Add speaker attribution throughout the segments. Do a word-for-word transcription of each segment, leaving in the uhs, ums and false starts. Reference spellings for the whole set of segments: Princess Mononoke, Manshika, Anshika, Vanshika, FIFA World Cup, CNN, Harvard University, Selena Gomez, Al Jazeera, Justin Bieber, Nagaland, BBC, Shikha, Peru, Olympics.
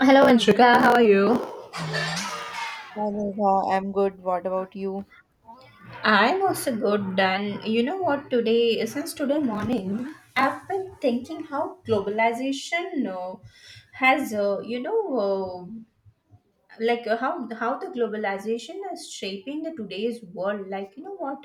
Speaker 1: Hello, Anshika. How are you?
Speaker 2: Hello, I'm good. What about you?
Speaker 1: I'm also good, and you know what? Today, since today morning, I've been thinking how globalization uh, has, uh, you know, uh, like uh, how how the globalization is shaping the today's world, like you know what,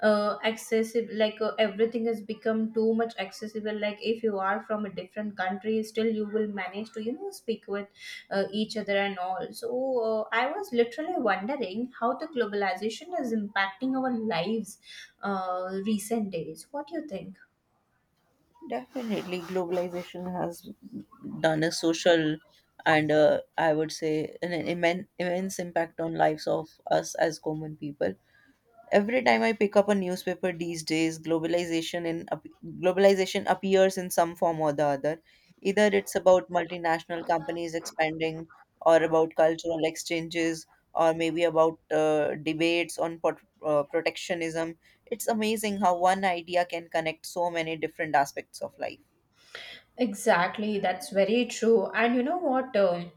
Speaker 1: uh accessible, like uh, everything has become too much accessible. Like if you are from a different country, still you will manage to, you know, speak with uh, each other and all. So uh, I was literally wondering how the globalization is impacting our lives uh recent days. What do you think?
Speaker 2: Definitely, globalization has done a social and uh, I would say an immense, immense impact on lives of us as common people. Every time I pick up a newspaper these days, globalization in ap- globalization appears in some form or the other. Either it's about multinational companies expanding, or about cultural exchanges, or maybe about uh, debates on pot- uh, protectionism. It's amazing how one idea can connect so many different aspects of life.
Speaker 1: Exactly, that's very true. And you know what? um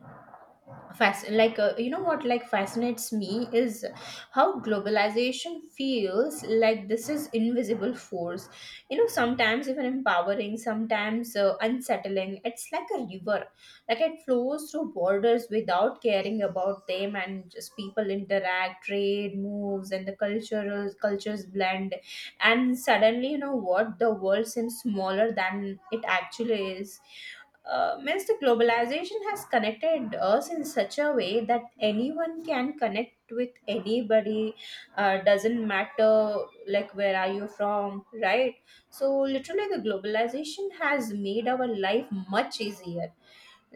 Speaker 1: Fasc- like uh, You know what like fascinates me is how globalization feels like this is invisible force. You know, sometimes even empowering, sometimes uh, unsettling. It's like a river, like it flows through borders without caring about them, and just people interact, trade moves, and the cultural cultures blend, and suddenly you know what, the world seems smaller than it actually is. Uh, means the globalization has connected us in such a way that anyone can connect with anybody. Uh, doesn't matter like where are you from, right? So literally the globalization has made our life much easier.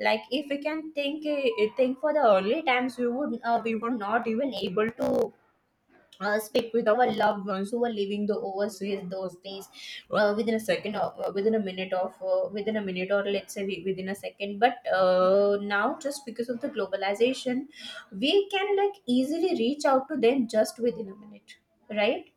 Speaker 1: Like if we can think eh, think for the early times, we would uh, we were not even able to uh, speak with our loved ones who are living the overseas those days, uh, within a second of uh, within a minute of uh, within a minute, or let's say wi- within a second. But uh, now just because of the globalization, we can like easily reach out to them just within a minute, right?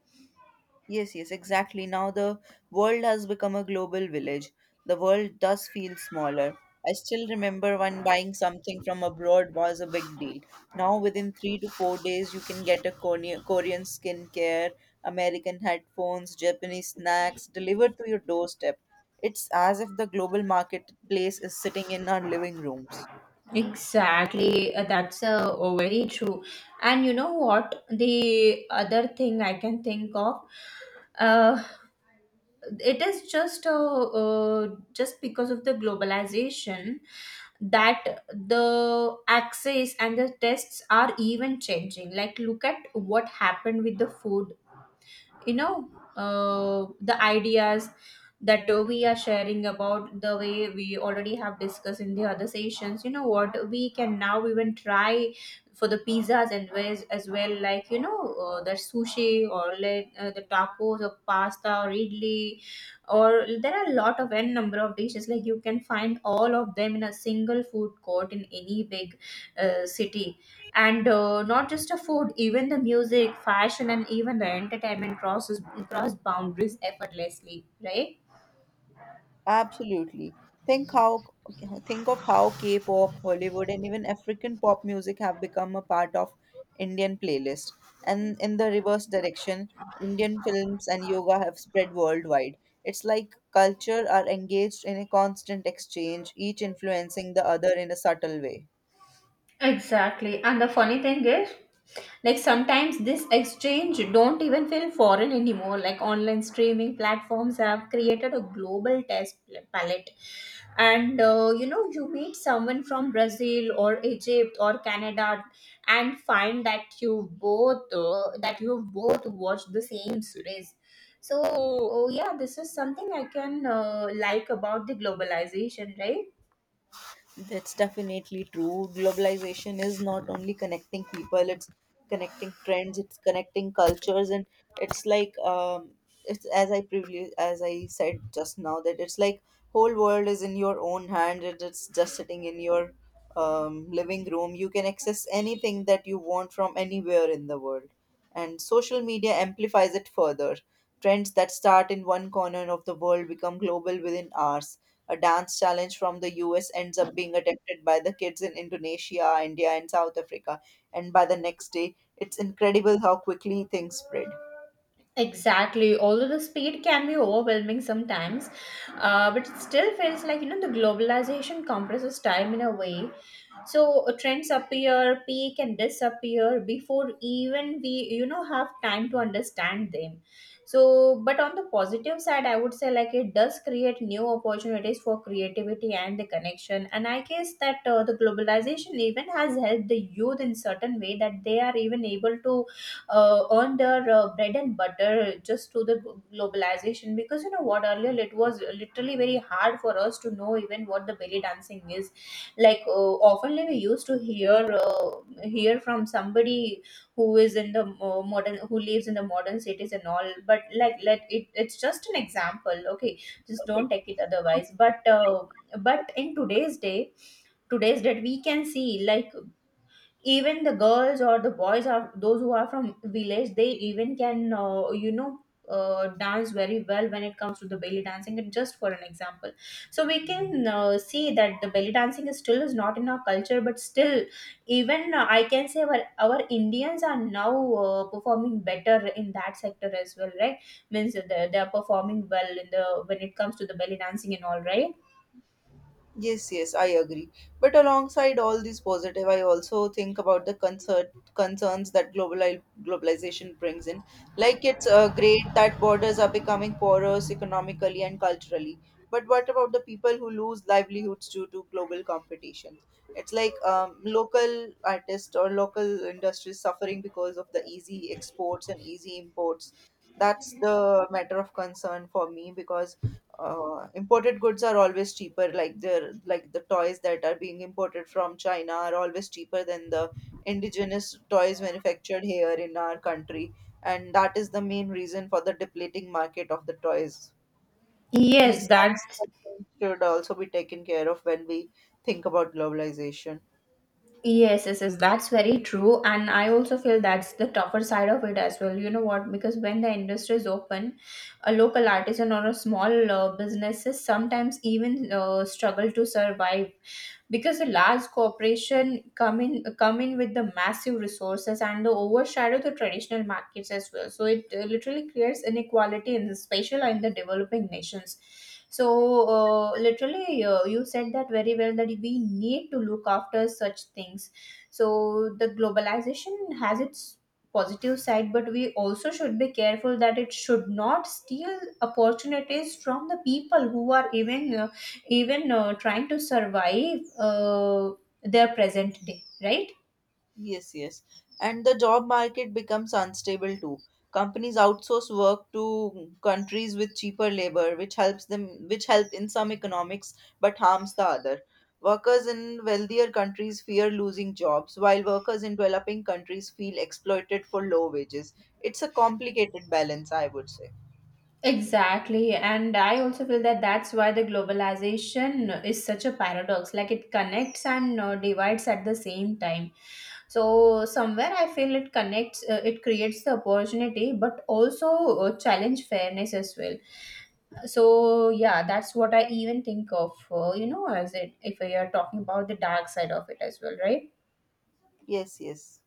Speaker 2: Yes, yes, exactly. Now the world has become a global village. The world does feel smaller. I still remember when buying something from abroad was a big deal. Now, within three to four days, you can get a Korean, Korean skincare, American headphones, Japanese snacks delivered to your doorstep. It's as if the global marketplace is sitting in our living rooms.
Speaker 1: Exactly, uh, that's uh, oh, very true. And you know what? The other thing I can think of, uh, it is just uh, uh, just because of the globalization, that the access and the tests are even changing. Like look at what happened with the food, you know, uh, the ideas that uh, we are sharing about the way we already have discussed in the other sessions. You know what, we can now even try for the pizzas and ways as well. Like you know, uh, the sushi, or like uh, the tacos or pasta or idli, or there are a lot of n number of dishes. Like you can find all of them in a single food court in any big uh, city. And uh, not just a food, even the music, fashion, and even the entertainment crosses cross boundaries effortlessly, right?
Speaker 2: Absolutely. Think how think of how K-pop, Hollywood, and even African pop music have become a part of Indian playlist. And in the reverse direction, Indian films and yoga have spread worldwide. It's like culture are engaged in a constant exchange, each influencing the other in a subtle way.
Speaker 1: Exactly. And the funny thing is, like sometimes this exchange don't even feel foreign anymore. Like online streaming platforms have created a global test palette. And uh, you know, you meet someone from Brazil or Egypt or Canada and find that you both uh, that you both watched the same series. So uh, yeah, this is something I can uh, like about the globalization, right?
Speaker 2: That's definitely true. Globalization is not only connecting people, it's connecting trends, it's connecting cultures, and it's like um, it's as I previously as I said just now that it's like whole world is in your own hand. And It's just sitting in your um, living room. You can access anything that you want from anywhere in the world, and social media amplifies it further. Trends that start in one corner of the world become global within hours. A dance challenge from the U S ends up being attempted by the kids in Indonesia, India, and South Africa. And by the next day, it's incredible how quickly things spread.
Speaker 1: Exactly. Although the speed can be overwhelming sometimes, uh, but it still feels like, you know, the globalization compresses time in a way. So uh, trends appear, peak, and disappear before even we, you know, have time to understand them. So, but on the positive side, I would say like it does create new opportunities for creativity and the connection. And I guess that uh, the globalization even has helped the youth in certain way that they are even able to uh, earn their uh, bread and butter just through the glo- globalization. Because you know what, earlier it was literally very hard for us to know even what the belly dancing is. Like uh, oftenly we used to hear uh, hear from somebody who is in the uh, modern who lives in the modern cities and all. But like let it, it's just an example, okay, just don't take it otherwise. But uh, but in today's day today's that we can see, like even the girls or the boys are those who are from village, they even can uh, you know, uh, dance very well when it comes to the belly dancing, and just for an example. So we can uh, see that the belly dancing is still is not in our culture, but still even uh, I can say our, our indians are now uh, performing better in that sector as well, right? Means they they are performing well in the when it comes to the belly dancing and all, right?
Speaker 2: Yes, yes, I agree. But alongside all these positive, I also think about the concern concerns that global globalization brings in. Like it's uh, great that borders are becoming porous economically and culturally. But what about the people who lose livelihoods due to global competition? It's like um, Local artists or local industries suffering because of the easy exports and easy imports. That's the matter of concern for me because uh, imported goods are always cheaper, like they're like the toys that are being imported from China are always cheaper than the indigenous toys manufactured here in our country, and that is the main reason for the depleting market of the toys.
Speaker 1: Yes,
Speaker 2: These
Speaker 1: that's.
Speaker 2: kind of things should also be taken care of when we think about globalization.
Speaker 1: Yes, yes, yes, that's very true. And I also feel that's the tougher side of it as well. You know what? Because when the industry is open, a local artisan or a small uh, businesses sometimes even uh, struggle to survive because the large corporation come in come in with the massive resources, and they overshadow the traditional markets as well. So it uh, literally creates inequality in the spatial and the developing nations. So uh, literally uh, you said that very well that we need to look after such things. So the globalization has its positive side, but we also should be careful that it should not steal opportunities from the people who are even uh, even uh, trying to survive uh, their present day, right?
Speaker 2: Yes, yes. And the job market becomes unstable too. Companies outsource work to countries with cheaper labor, which helps them, which help in some economics but harms the other. Workers in wealthier countries fear losing jobs, while workers in developing countries feel exploited for low wages. It's a complicated balance, I would say.
Speaker 1: Exactly, and I also feel that that's why the globalization is such a paradox, like it connects and uh, divides at the same time. So somewhere I feel it connects, uh, it creates the opportunity, but also uh, challenge fairness as well. So yeah, that's what I even think of, uh, you know, as it if we are talking about the dark side of it as well, right?
Speaker 2: Yes, yes.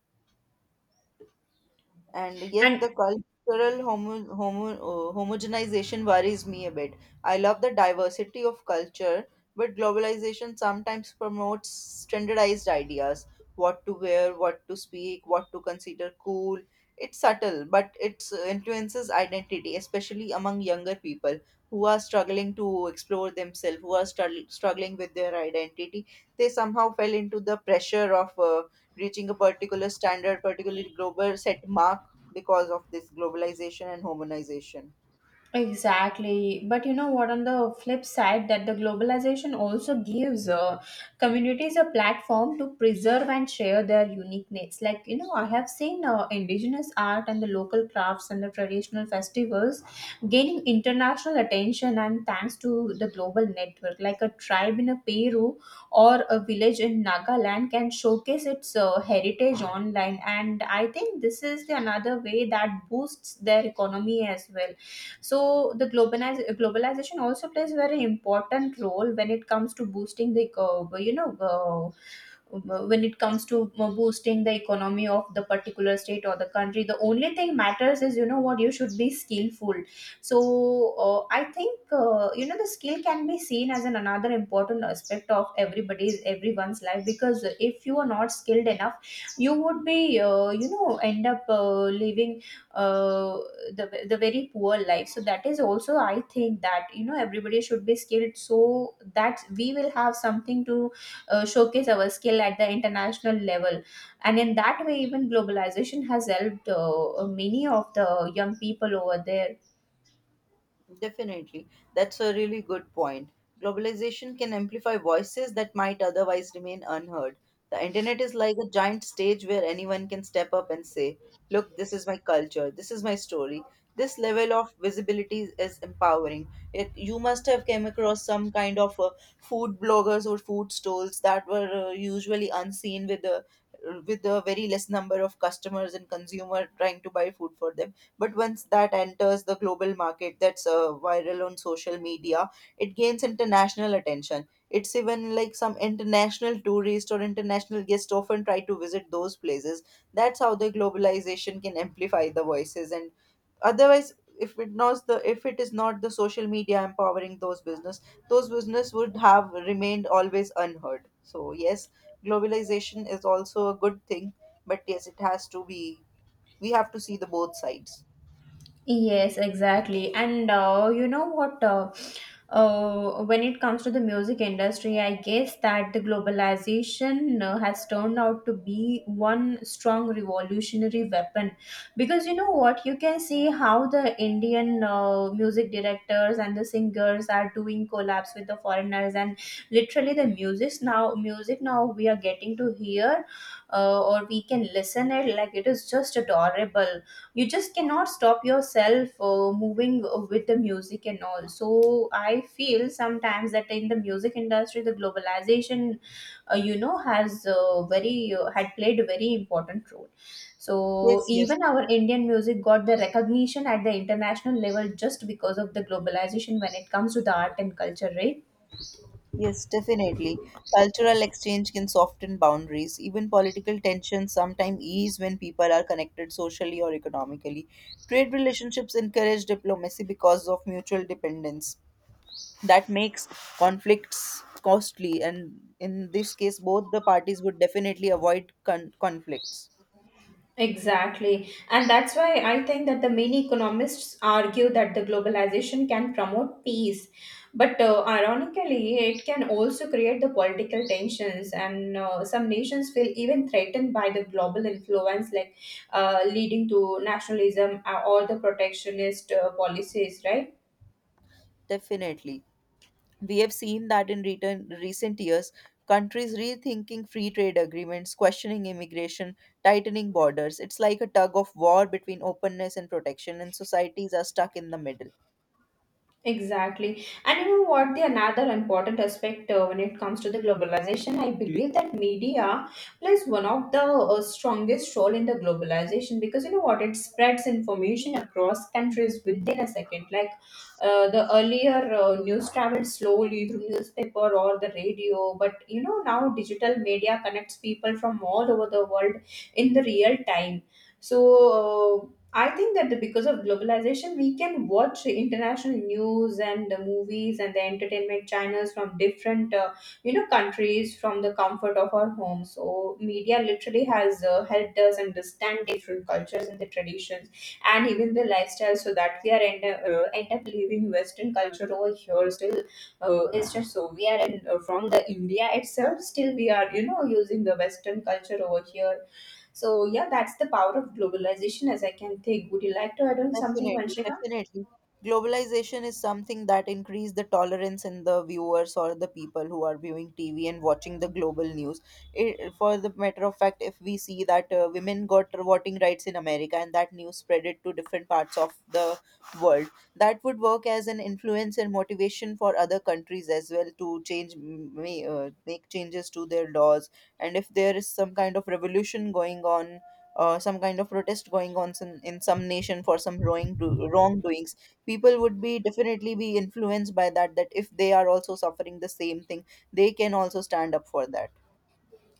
Speaker 2: And yet
Speaker 1: And.
Speaker 2: the cultural homo- homo- uh, homogenization worries me a bit. I love the diversity of culture, but globalization sometimes promotes standardized ideas: what to wear, what to speak, what to consider cool. It's subtle, but it influences identity, especially among younger people who are struggling to explore themselves, who are strugg- struggling with their identity. They somehow fell into the pressure of uh, reaching a particular standard, particularly global set mark, because of this globalization and homogenization.
Speaker 1: Exactly. But you know what, on the flip side, that the globalization also gives uh, communities a platform to preserve and share their uniqueness. Like, you know, I have seen uh, indigenous art and the local crafts and the traditional festivals gaining international attention, and thanks to the global network. Like a tribe in a Peru or a village in Nagaland can showcase its uh, heritage online. And I think this is the another way that boosts their economy as well. So the globaliz- globalization also plays very important role when it comes to boosting the uh, you know uh, when it comes to boosting the economy of the particular state or the country. The only thing matters is, you know what, you should be skillful. So uh, I think uh, you know, the skill can be seen as an another important aspect of everybody's everyone's life. Because if you are not skilled enough, you would be uh, you know, end up uh, living uh, the the very poor life. So that is also I think that, you know, everybody should be skilled, so that we will have something to uh, showcase our skill at the international level. And in that way, even globalization has helped uh, many of the young people over there.
Speaker 2: Definitely. That's a really good point. Globalization can amplify voices that might otherwise remain unheard. The internet is like a giant stage where anyone can step up and say, "Look, this is my culture, this is my story." This level of visibility is empowering. It, you must have come across some kind of uh, food bloggers or food stalls that were uh, usually unseen with the with a very less number of customers and consumer trying to buy food for them. But once that enters the global market, that's uh, viral on social media, it gains international attention. It's even like some international tourists or international guests often try to visit those places. That's how the globalization can amplify the voices, and otherwise, if it not the if it is not the social media empowering those business, those business would have remained always unheard. So yes, globalization is also a good thing, but yes, it has to be, we have to see the both sides.
Speaker 1: Yes, exactly. And uh, you know what? Uh, uh, when it comes to the music industry, I guess that the globalization uh, has turned out to be one strong revolutionary weapon. Because you know what, you can see how the Indian uh, music directors and the singers are doing collabs with the foreigners, and literally the music now, music now we are getting to hear, uh, or we can listen it, like it is just adorable. You just cannot stop yourself uh, moving with the music and all. So I feel sometimes that in the music industry the globalization, uh, you know has uh, very uh, had played a very important role. So.
Speaker 2: Yes, yes,
Speaker 1: Even our indian music got the recognition at the international level just because of the globalization when it comes to the art and culture, right?
Speaker 2: yes, definitely. Cultural exchange can soften boundaries. Even political tensions sometimes ease when people are connected socially or economically. Trade relationships encourage diplomacy because of mutual dependence. That makes conflicts costly, and in this case, both the parties would definitely avoid con- conflicts.
Speaker 1: Exactly. And that's why I think that the many economists argue that the globalization can promote peace. But uh, ironically, it can also create the political tensions, and uh, some nations feel even threatened by the global influence, like uh, leading to nationalism, uh, or the protectionist uh, policies, right?
Speaker 2: Definitely. We have seen that in return, recent years, countries rethinking free trade agreements, questioning immigration, tightening borders. It's like a tug of war between openness and protection, and societies are stuck in the middle.
Speaker 1: Exactly. And you know what? The another important aspect uh, when it comes to the globalization, I believe that media plays one of the uh, strongest role in the globalization. Because you know what, it spreads information across countries within a second. Like uh, the earlier uh, news traveled slowly through newspaper or the radio, but you know now digital media connects people from all over the world in the real time. So uh, I think that the- because of globalization, we can watch international news and the movies and the entertainment channels from different, uh, you know, countries from the comfort of our home. So media literally has uh, helped us understand different cultures and the traditions and even the lifestyle, so that we are end up, uh, end up living Western culture over here. Still, uh, it's just so we are in, uh, from the India itself. Still, we are you know using the Western culture over here so yeah, that's the power of globalization, as I can think. Would you like to add on something,
Speaker 2: Definitely,
Speaker 1: Vanshika?
Speaker 2: definitely. Globalization is something that increase the tolerance in the viewers or the people who are viewing T V and watching the global news. It, for the matter of fact, if we see that uh, women got voting rights in America, and that news spread it to different parts of the world, that would work as an influence and motivation for other countries as well to change, may, uh, make changes to their laws. And if there is some kind of revolution going on, uh, some kind of protest going on, some, in some nation for some wrong do- wrongdoings, people would be definitely be influenced by that, that if they are also suffering the same thing, they can also stand up for that.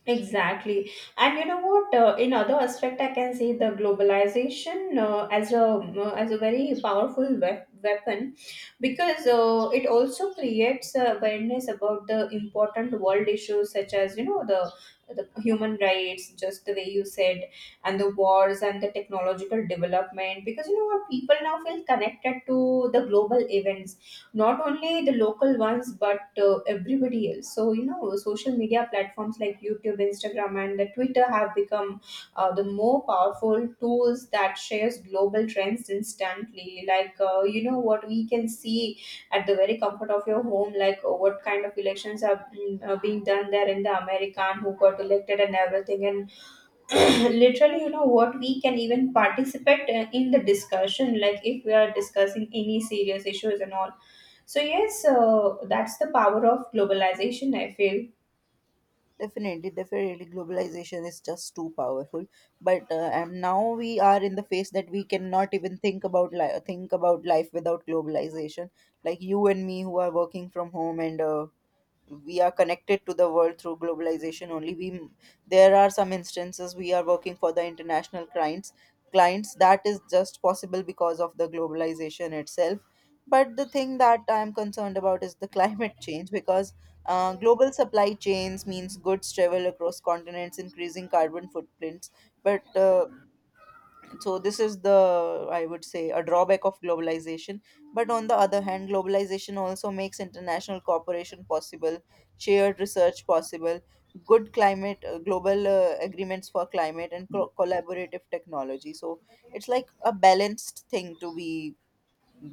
Speaker 1: Exactly. And you know what? Uh, in other aspect, I can say the globalization uh, as a uh, as a very powerful wep- weapon because uh, it also creates awareness about the important world issues such as you know the the human rights, just the way you said, and the wars and the technological development. Because you know what, people now feel connected to the global events not only the local ones but uh, everybody else. So you know social media platforms like YouTube, Instagram and the Twitter have become uh, the more powerful tools that shares global trends instantly. Like uh, you know what, we can see at the very comfort of your home like uh, what kind of elections are mm, uh, being done there in the America and who got elected and everything. And literally you know what, we can even participate uh, in the discussion, like if we are discussing any serious issues and all. So yes, uh, that's the power of globalization I feel.
Speaker 2: Definitely, definitely, globalization is just too powerful. But uh, and now we are in the phase that we cannot even think about li- think about life without globalization. Like you and me who are working from home, and uh, we are connected to the world through globalization only. We There are some instances we are working for the international clients clients, that is just possible because of the globalization itself. But the thing that I am concerned about is the climate change, because uh, global supply chains means goods travel across continents, increasing carbon footprints. But uh, So this is the, I would say, a drawback of globalization. But on the other hand, globalization also makes international cooperation possible, shared research possible, good climate uh, global uh, agreements for climate and co- collaborative technology. So it's like a balanced thing to be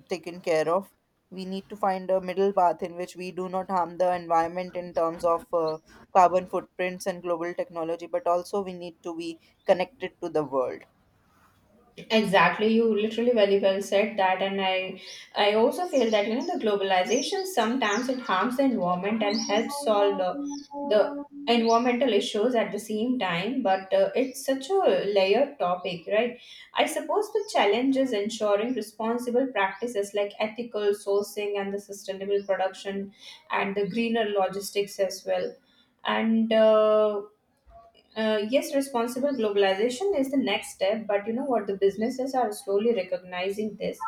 Speaker 2: taken care of. We need to find a middle path in which we do not harm the environment in terms of uh, carbon footprints and global technology, but also we need to be connected to the world.
Speaker 1: Exactly, you literally very well said that, and I, I also feel that you know the globalization sometimes it harms the environment and helps solve the, the environmental issues at the same time, but uh, it's such a layered topic, right? I suppose the challenge is ensuring responsible practices like ethical sourcing and the sustainable production and the greener logistics as well, and. Uh, uh, yes, responsible globalization is the next step. But you know what? The businesses are slowly recognizing this.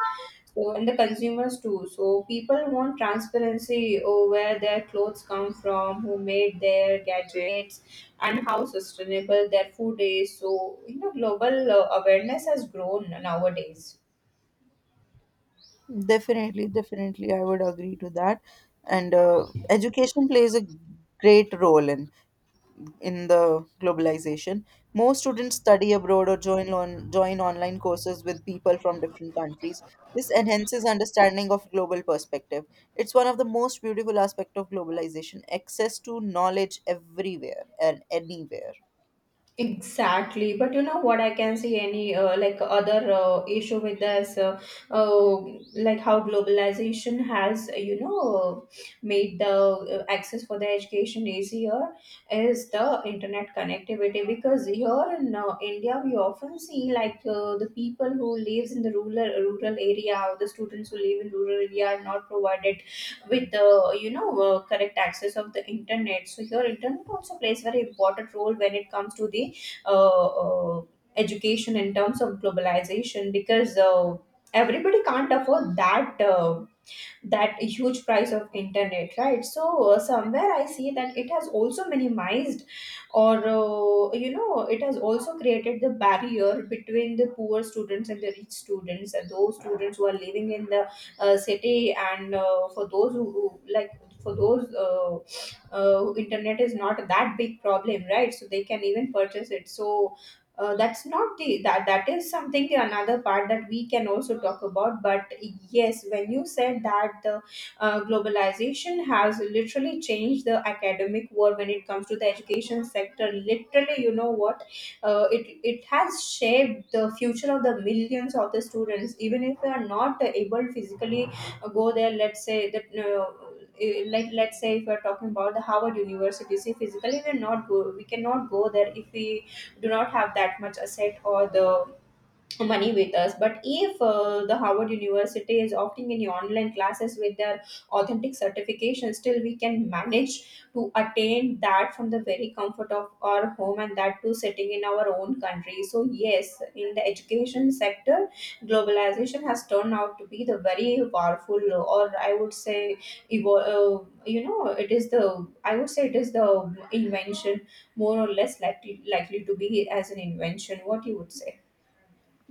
Speaker 1: So, and the consumers too. So, people want transparency over where their clothes come from, who made their gadgets, and how sustainable their food is. So, you know, global uh, awareness has grown nowadays.
Speaker 2: Definitely, definitely, I would agree to that. And uh, education plays a great role in in the globalization. More students study abroad or join on, join online courses with people from different countries. This enhances understanding of global perspective. It's one of the most beautiful aspects of globalization, access to knowledge everywhere and anywhere.
Speaker 1: Exactly, but you know what? I can see any uh, like other uh, issue with this, uh, uh, like how globalization has you know made the uh, access for the education easier is the internet connectivity. Because here in uh, India we often see like uh, the people who lives in the rural rural area or the students who live in rural area are not provided with the you know uh, correct access of the internet. So here internet also plays very important role when it comes to the uh, uh, education in terms of globalization, because uh, everybody can't afford that. Uh, that huge price of internet, right? So uh, somewhere I see that it has also minimized or uh, you know it has also created the barrier between the poor students and the rich students and those students who are living in the uh, city and uh, for those who, who like for those uh, uh, internet is not that big problem, right? So they can even purchase it. So uh, that's not the that that is something another part that we can also talk about. But yes, when you said that the uh, globalization has literally changed the academic world when it comes to the education sector, literally you know what, uh, it it has shaped the future of the millions of the students even if they are not able physically uh, go there. Let's say that uh, eh, like let's say if we're talking about the Harvard University, see physically we're not go, we cannot go there if we do not have that much asset or the money with us. But if uh, the Howard University is opting in online classes with their authentic certification, still we can manage to attain that from the very comfort of our home and that too sitting in our own country. So yes, in the education sector globalization has turned out to be the very powerful uh, or I would say evo- uh, you know it is the I would say it is the invention, more or less likely likely to be as an invention, what you would say.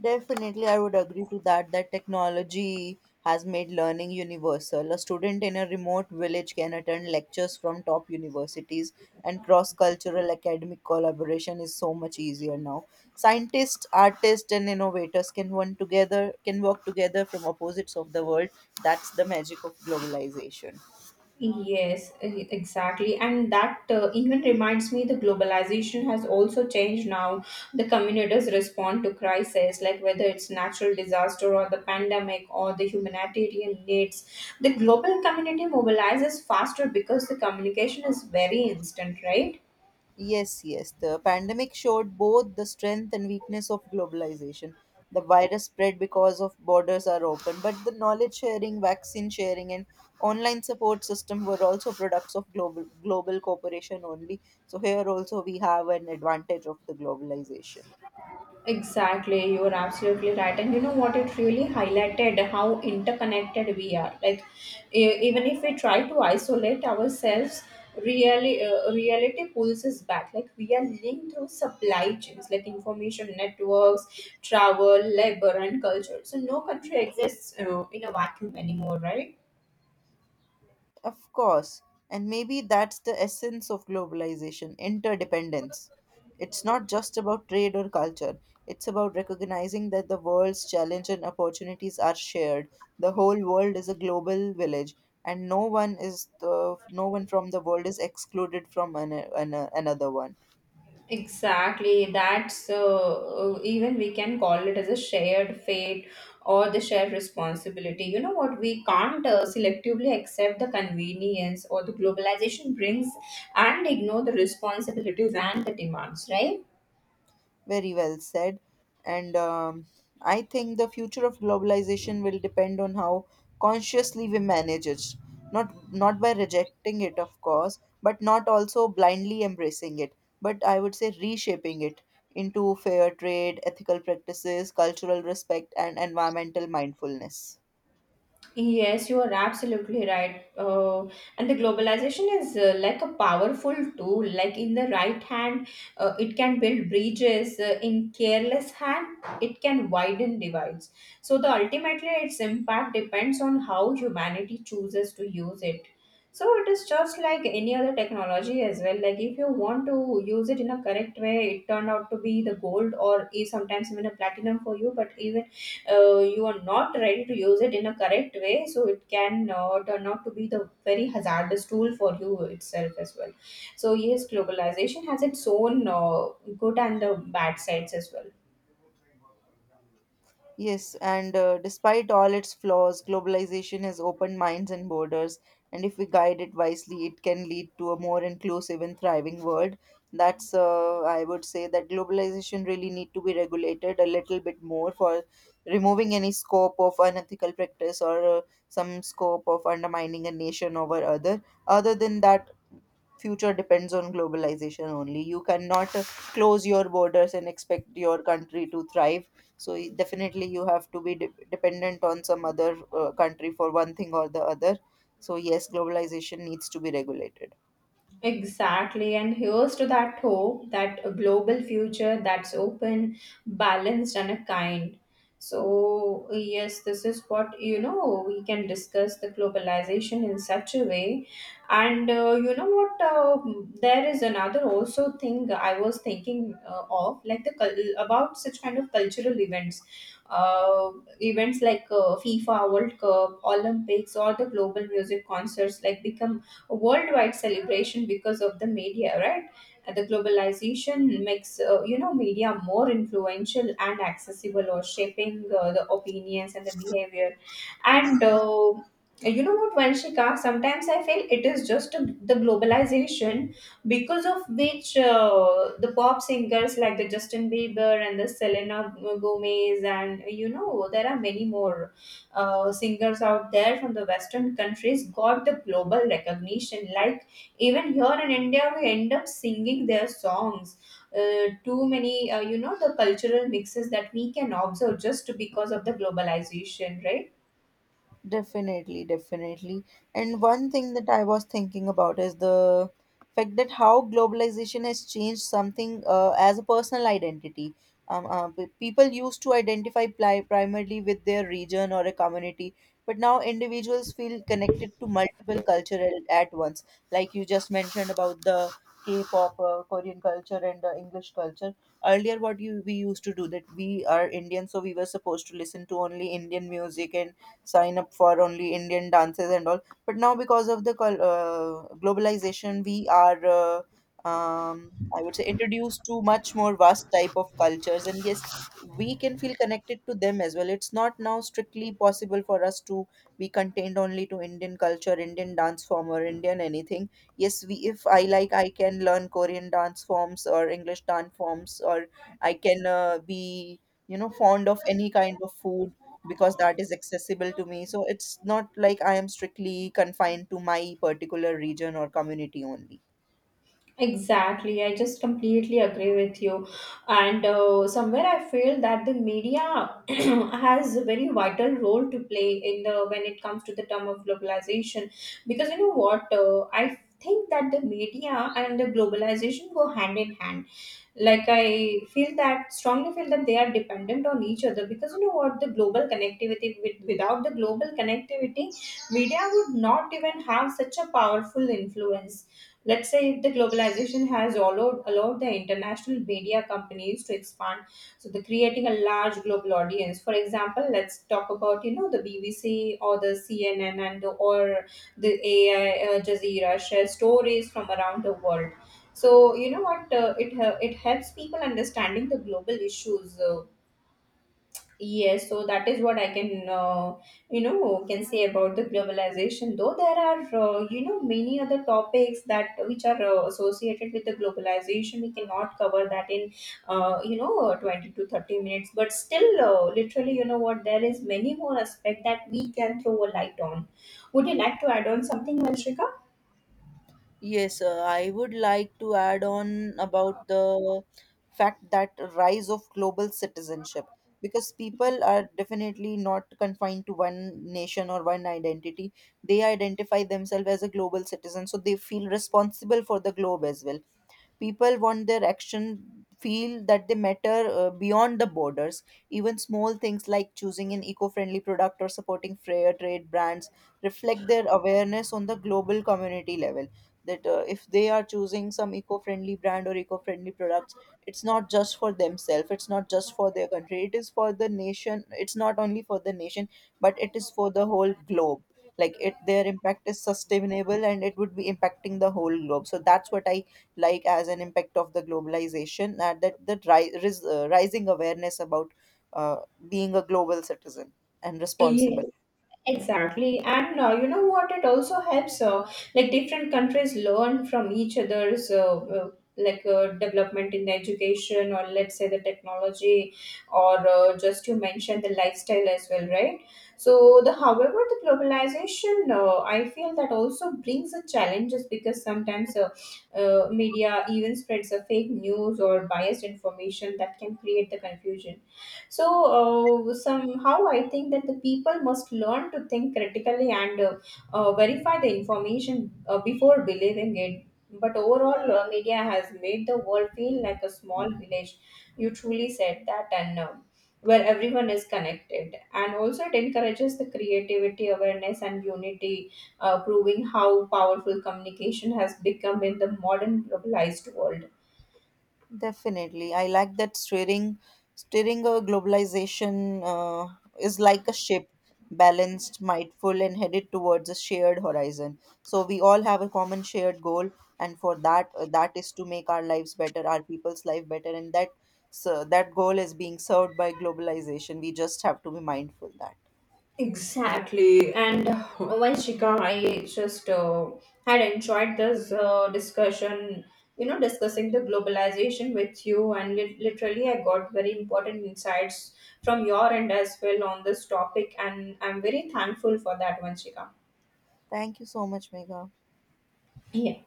Speaker 2: Definitely, I would agree to that. That technology has made learning universal. A student in a remote village can attend lectures from top universities, and cross cultural academic collaboration is so much easier now. Scientists, artists, and innovators can one together can work together from opposites of the world. That's the magic of globalization.
Speaker 1: Yes, e- exactly. And that uh, even reminds me the globalization has also changed now. The communities respond to crisis, like whether it's natural disaster or the pandemic or the humanitarian needs. The global community mobilizes faster because the communication is very instant, right?
Speaker 2: Yes, yes. The pandemic showed both the strength and weakness of globalization. The virus spread because of borders are open, but the knowledge sharing, vaccine sharing, and online support system were also products of global global cooperation only. So here also we have an advantage of the globalization.
Speaker 1: Exactly, you are absolutely right. And you know what? It really highlighted how interconnected we are. Like, e- even if we try to isolate ourselves, really, uh, reality pulls us back. Like, we are linked through supply chains, like information networks, travel, labor, and culture. So, no country exists uh, in a vacuum anymore, right?
Speaker 2: Of course. And maybe that's the essence of globalization interdependence. It's not just about trade or culture, it's about recognizing that the world's challenge and opportunities are shared. The whole world is a global village, and no one is the no one from the world is excluded from an, an, another one.
Speaker 1: Exactly. That's uh, uh, Even we can call it as a shared fate or the shared responsibility. You know what? We can't uh, selectively accept the convenience or the globalization brings and ignore the responsibilities and the demands, right?
Speaker 2: Very well said. And um, I think the future of globalization will depend on how consciously we manage it. Not not by rejecting it, of course, but not also blindly embracing it. But I would say reshaping it into fair trade, ethical practices, cultural respect, and environmental mindfulness.
Speaker 1: Yes, you are absolutely right. Uh, and the globalization is uh, like a powerful tool. Like in the right hand, uh, it can build bridges. Uh, in careless hand, it can widen divides. So the ultimately, its impact depends on how humanity chooses to use it. So it is just like any other technology as well. Like if you want to use it in a correct way, it turned out to be the gold or is sometimes even a platinum for you. But even uh, you are not ready to use it in a correct way, so it can uh, turn out to be the very hazardous tool for you itself as well. So yes, globalization has its own uh, good and uh, bad sides as well.
Speaker 2: Yes, and uh, despite all its flaws, globalization has opened minds and borders, and if we guide it wisely, it can lead to a more inclusive and thriving world. That's, uh, I would say, that globalization really need to be regulated a little bit more for removing any scope of unethical practice, or uh, some scope of undermining a nation over other. Other than that, future depends on globalization only. You cannot uh, close your borders and expect your country to thrive. So y- definitely you have to be de- dependent on some other uh, country for one thing or the other. So yes, globalization needs to be regulated.
Speaker 1: Exactly, and here's to that hope that a global future that's open, balanced, and a kind. So, yes, this is what you know we can discuss the globalization in such a way. And uh, you know what? Um there is another also thing I was thinking uh, of, like the cul- about such kind of cultural events, uh, events like uh, FIFA World Cup, Olympics, or the global music concerts like become a worldwide celebration because of the media, right? And the globalization makes uh, you know media more influential and accessible, or shaping uh, the opinions and the behavior. And uh, you know what, Vanshika? Sometimes I feel it is just a- the globalization because of which uh, the pop singers like the Justin Bieber and the Selena Gomez and you know there are many more uh, singers out there from the Western countries got the global recognition. Like even here in India, we end up singing their songs. Uh, too many, uh, you know, the cultural mixes that we can observe just because of the globalization, right?
Speaker 2: Definitely, definitely. And one thing that I was thinking about is the fact that how globalization has changed something uh, as a personal identity. Um, uh, p- people used to identify pli- primarily with their region or a community, but now individuals feel connected to multiple cultural at once. Like you just mentioned about the K-pop, uh, Korean culture, and uh, English culture. Earlier, what you we used to do that we are Indian, so we were supposed to listen to only Indian music and sign up for only Indian dances and all. But now, because of the col- uh, globalization, we are, uh, um, I would say, introduced to much more vast type of cultures. And yes, we can feel connected to them as well. It's not now strictly possible for us to be contained only to Indian culture, Indian dance form, or Indian anything. Yes, we if I like, I can learn Korean dance forms or English dance forms, or I can uh, be you know fond of any kind of food because that is accessible to me. So it's not like I am strictly confined to my particular region or community only.
Speaker 1: Exactly, I just completely agree with you. And uh, somewhere I feel that the media has a very vital role to play in the when it comes to the term of globalization. Because you know what, uh, I think that the media and the globalization go hand in hand. Like I feel that strongly feel that they are dependent on each other. Because you know what, the global connectivity with, without the global connectivity media would not even have such a powerful influence. Let's say if the globalization has allowed allowed the international media companies to expand, so they're creating a large global audience. For example, let's talk about you know the BBC or the CNN and the, or the Ai uh, Jazeera share stories from around the world. So you know what, uh, it hel- it helps people understanding the global issues. Uh, yes, so that is what I can uh, you know can say about the globalization. Though there are uh, you know many other topics that which are uh, associated with the globalization, we cannot cover that in uh, you know twenty to thirty minutes. But still, uh, literally, you know what, there is many more aspect that we can throw a light on. Would you like to add on something, Manshika?
Speaker 2: Yes, uh, I would like to add on about the fact that rise of global citizenship because people are definitely not confined to one nation or one identity. They identify themselves as a global citizen, so they feel responsible for the globe as well. People want their action feel that they matter uh, beyond the borders. Even small things like choosing an eco-friendly product or supporting fair trade brands reflect their awareness on the global community level. That uh, if they are choosing some eco-friendly brand or eco-friendly products, it's not just for themselves. It's not just for their country. It is for the nation. It's not only for the nation, but it is for the whole globe, like it their impact is sustainable and it would be impacting the whole globe. So that's what I like as an impact of the globalization, uh, that that the ri- ris- uh, rising awareness about uh, being a global citizen and
Speaker 1: Yes.
Speaker 2: responsible.
Speaker 1: Exactly, and uh, you know what? It also helps. Uh, like different countries learn from each other's uh, uh, like uh, development in the education, or let's say the technology, or uh, just you mentioned the lifestyle as well, right? So the however the globalization, uh, I feel that also brings the challenges. Because sometimes uh, uh, media even spreads a fake news or biased information that can create the confusion. So uh, somehow I think that the people must learn to think critically and uh, uh, verify the information uh, before believing it. But overall, uh, media has made the world feel like a small village. You truly said that, and uh, where everyone is connected. And also, it encourages the creativity, awareness, and unity, uh, proving how powerful communication has become in the modern globalized world.
Speaker 2: Definitely, I like that steering steering a globalization uh, is like a ship, balanced, mindful, and headed towards a shared horizon. So we all have a common shared goal, and for that, uh, that is to make our lives better, our people's life better, and that, so that goal is being served by globalization. We just have to be mindful that.
Speaker 1: Exactly. And once Shikha, I just uh, had enjoyed this uh, discussion, you know, discussing the globalization with you. And lit- literally, I got very important insights from your end as well on this topic. And I'm very thankful for that, Vanshika.
Speaker 2: Thank you so much, Mega.
Speaker 1: Yeah.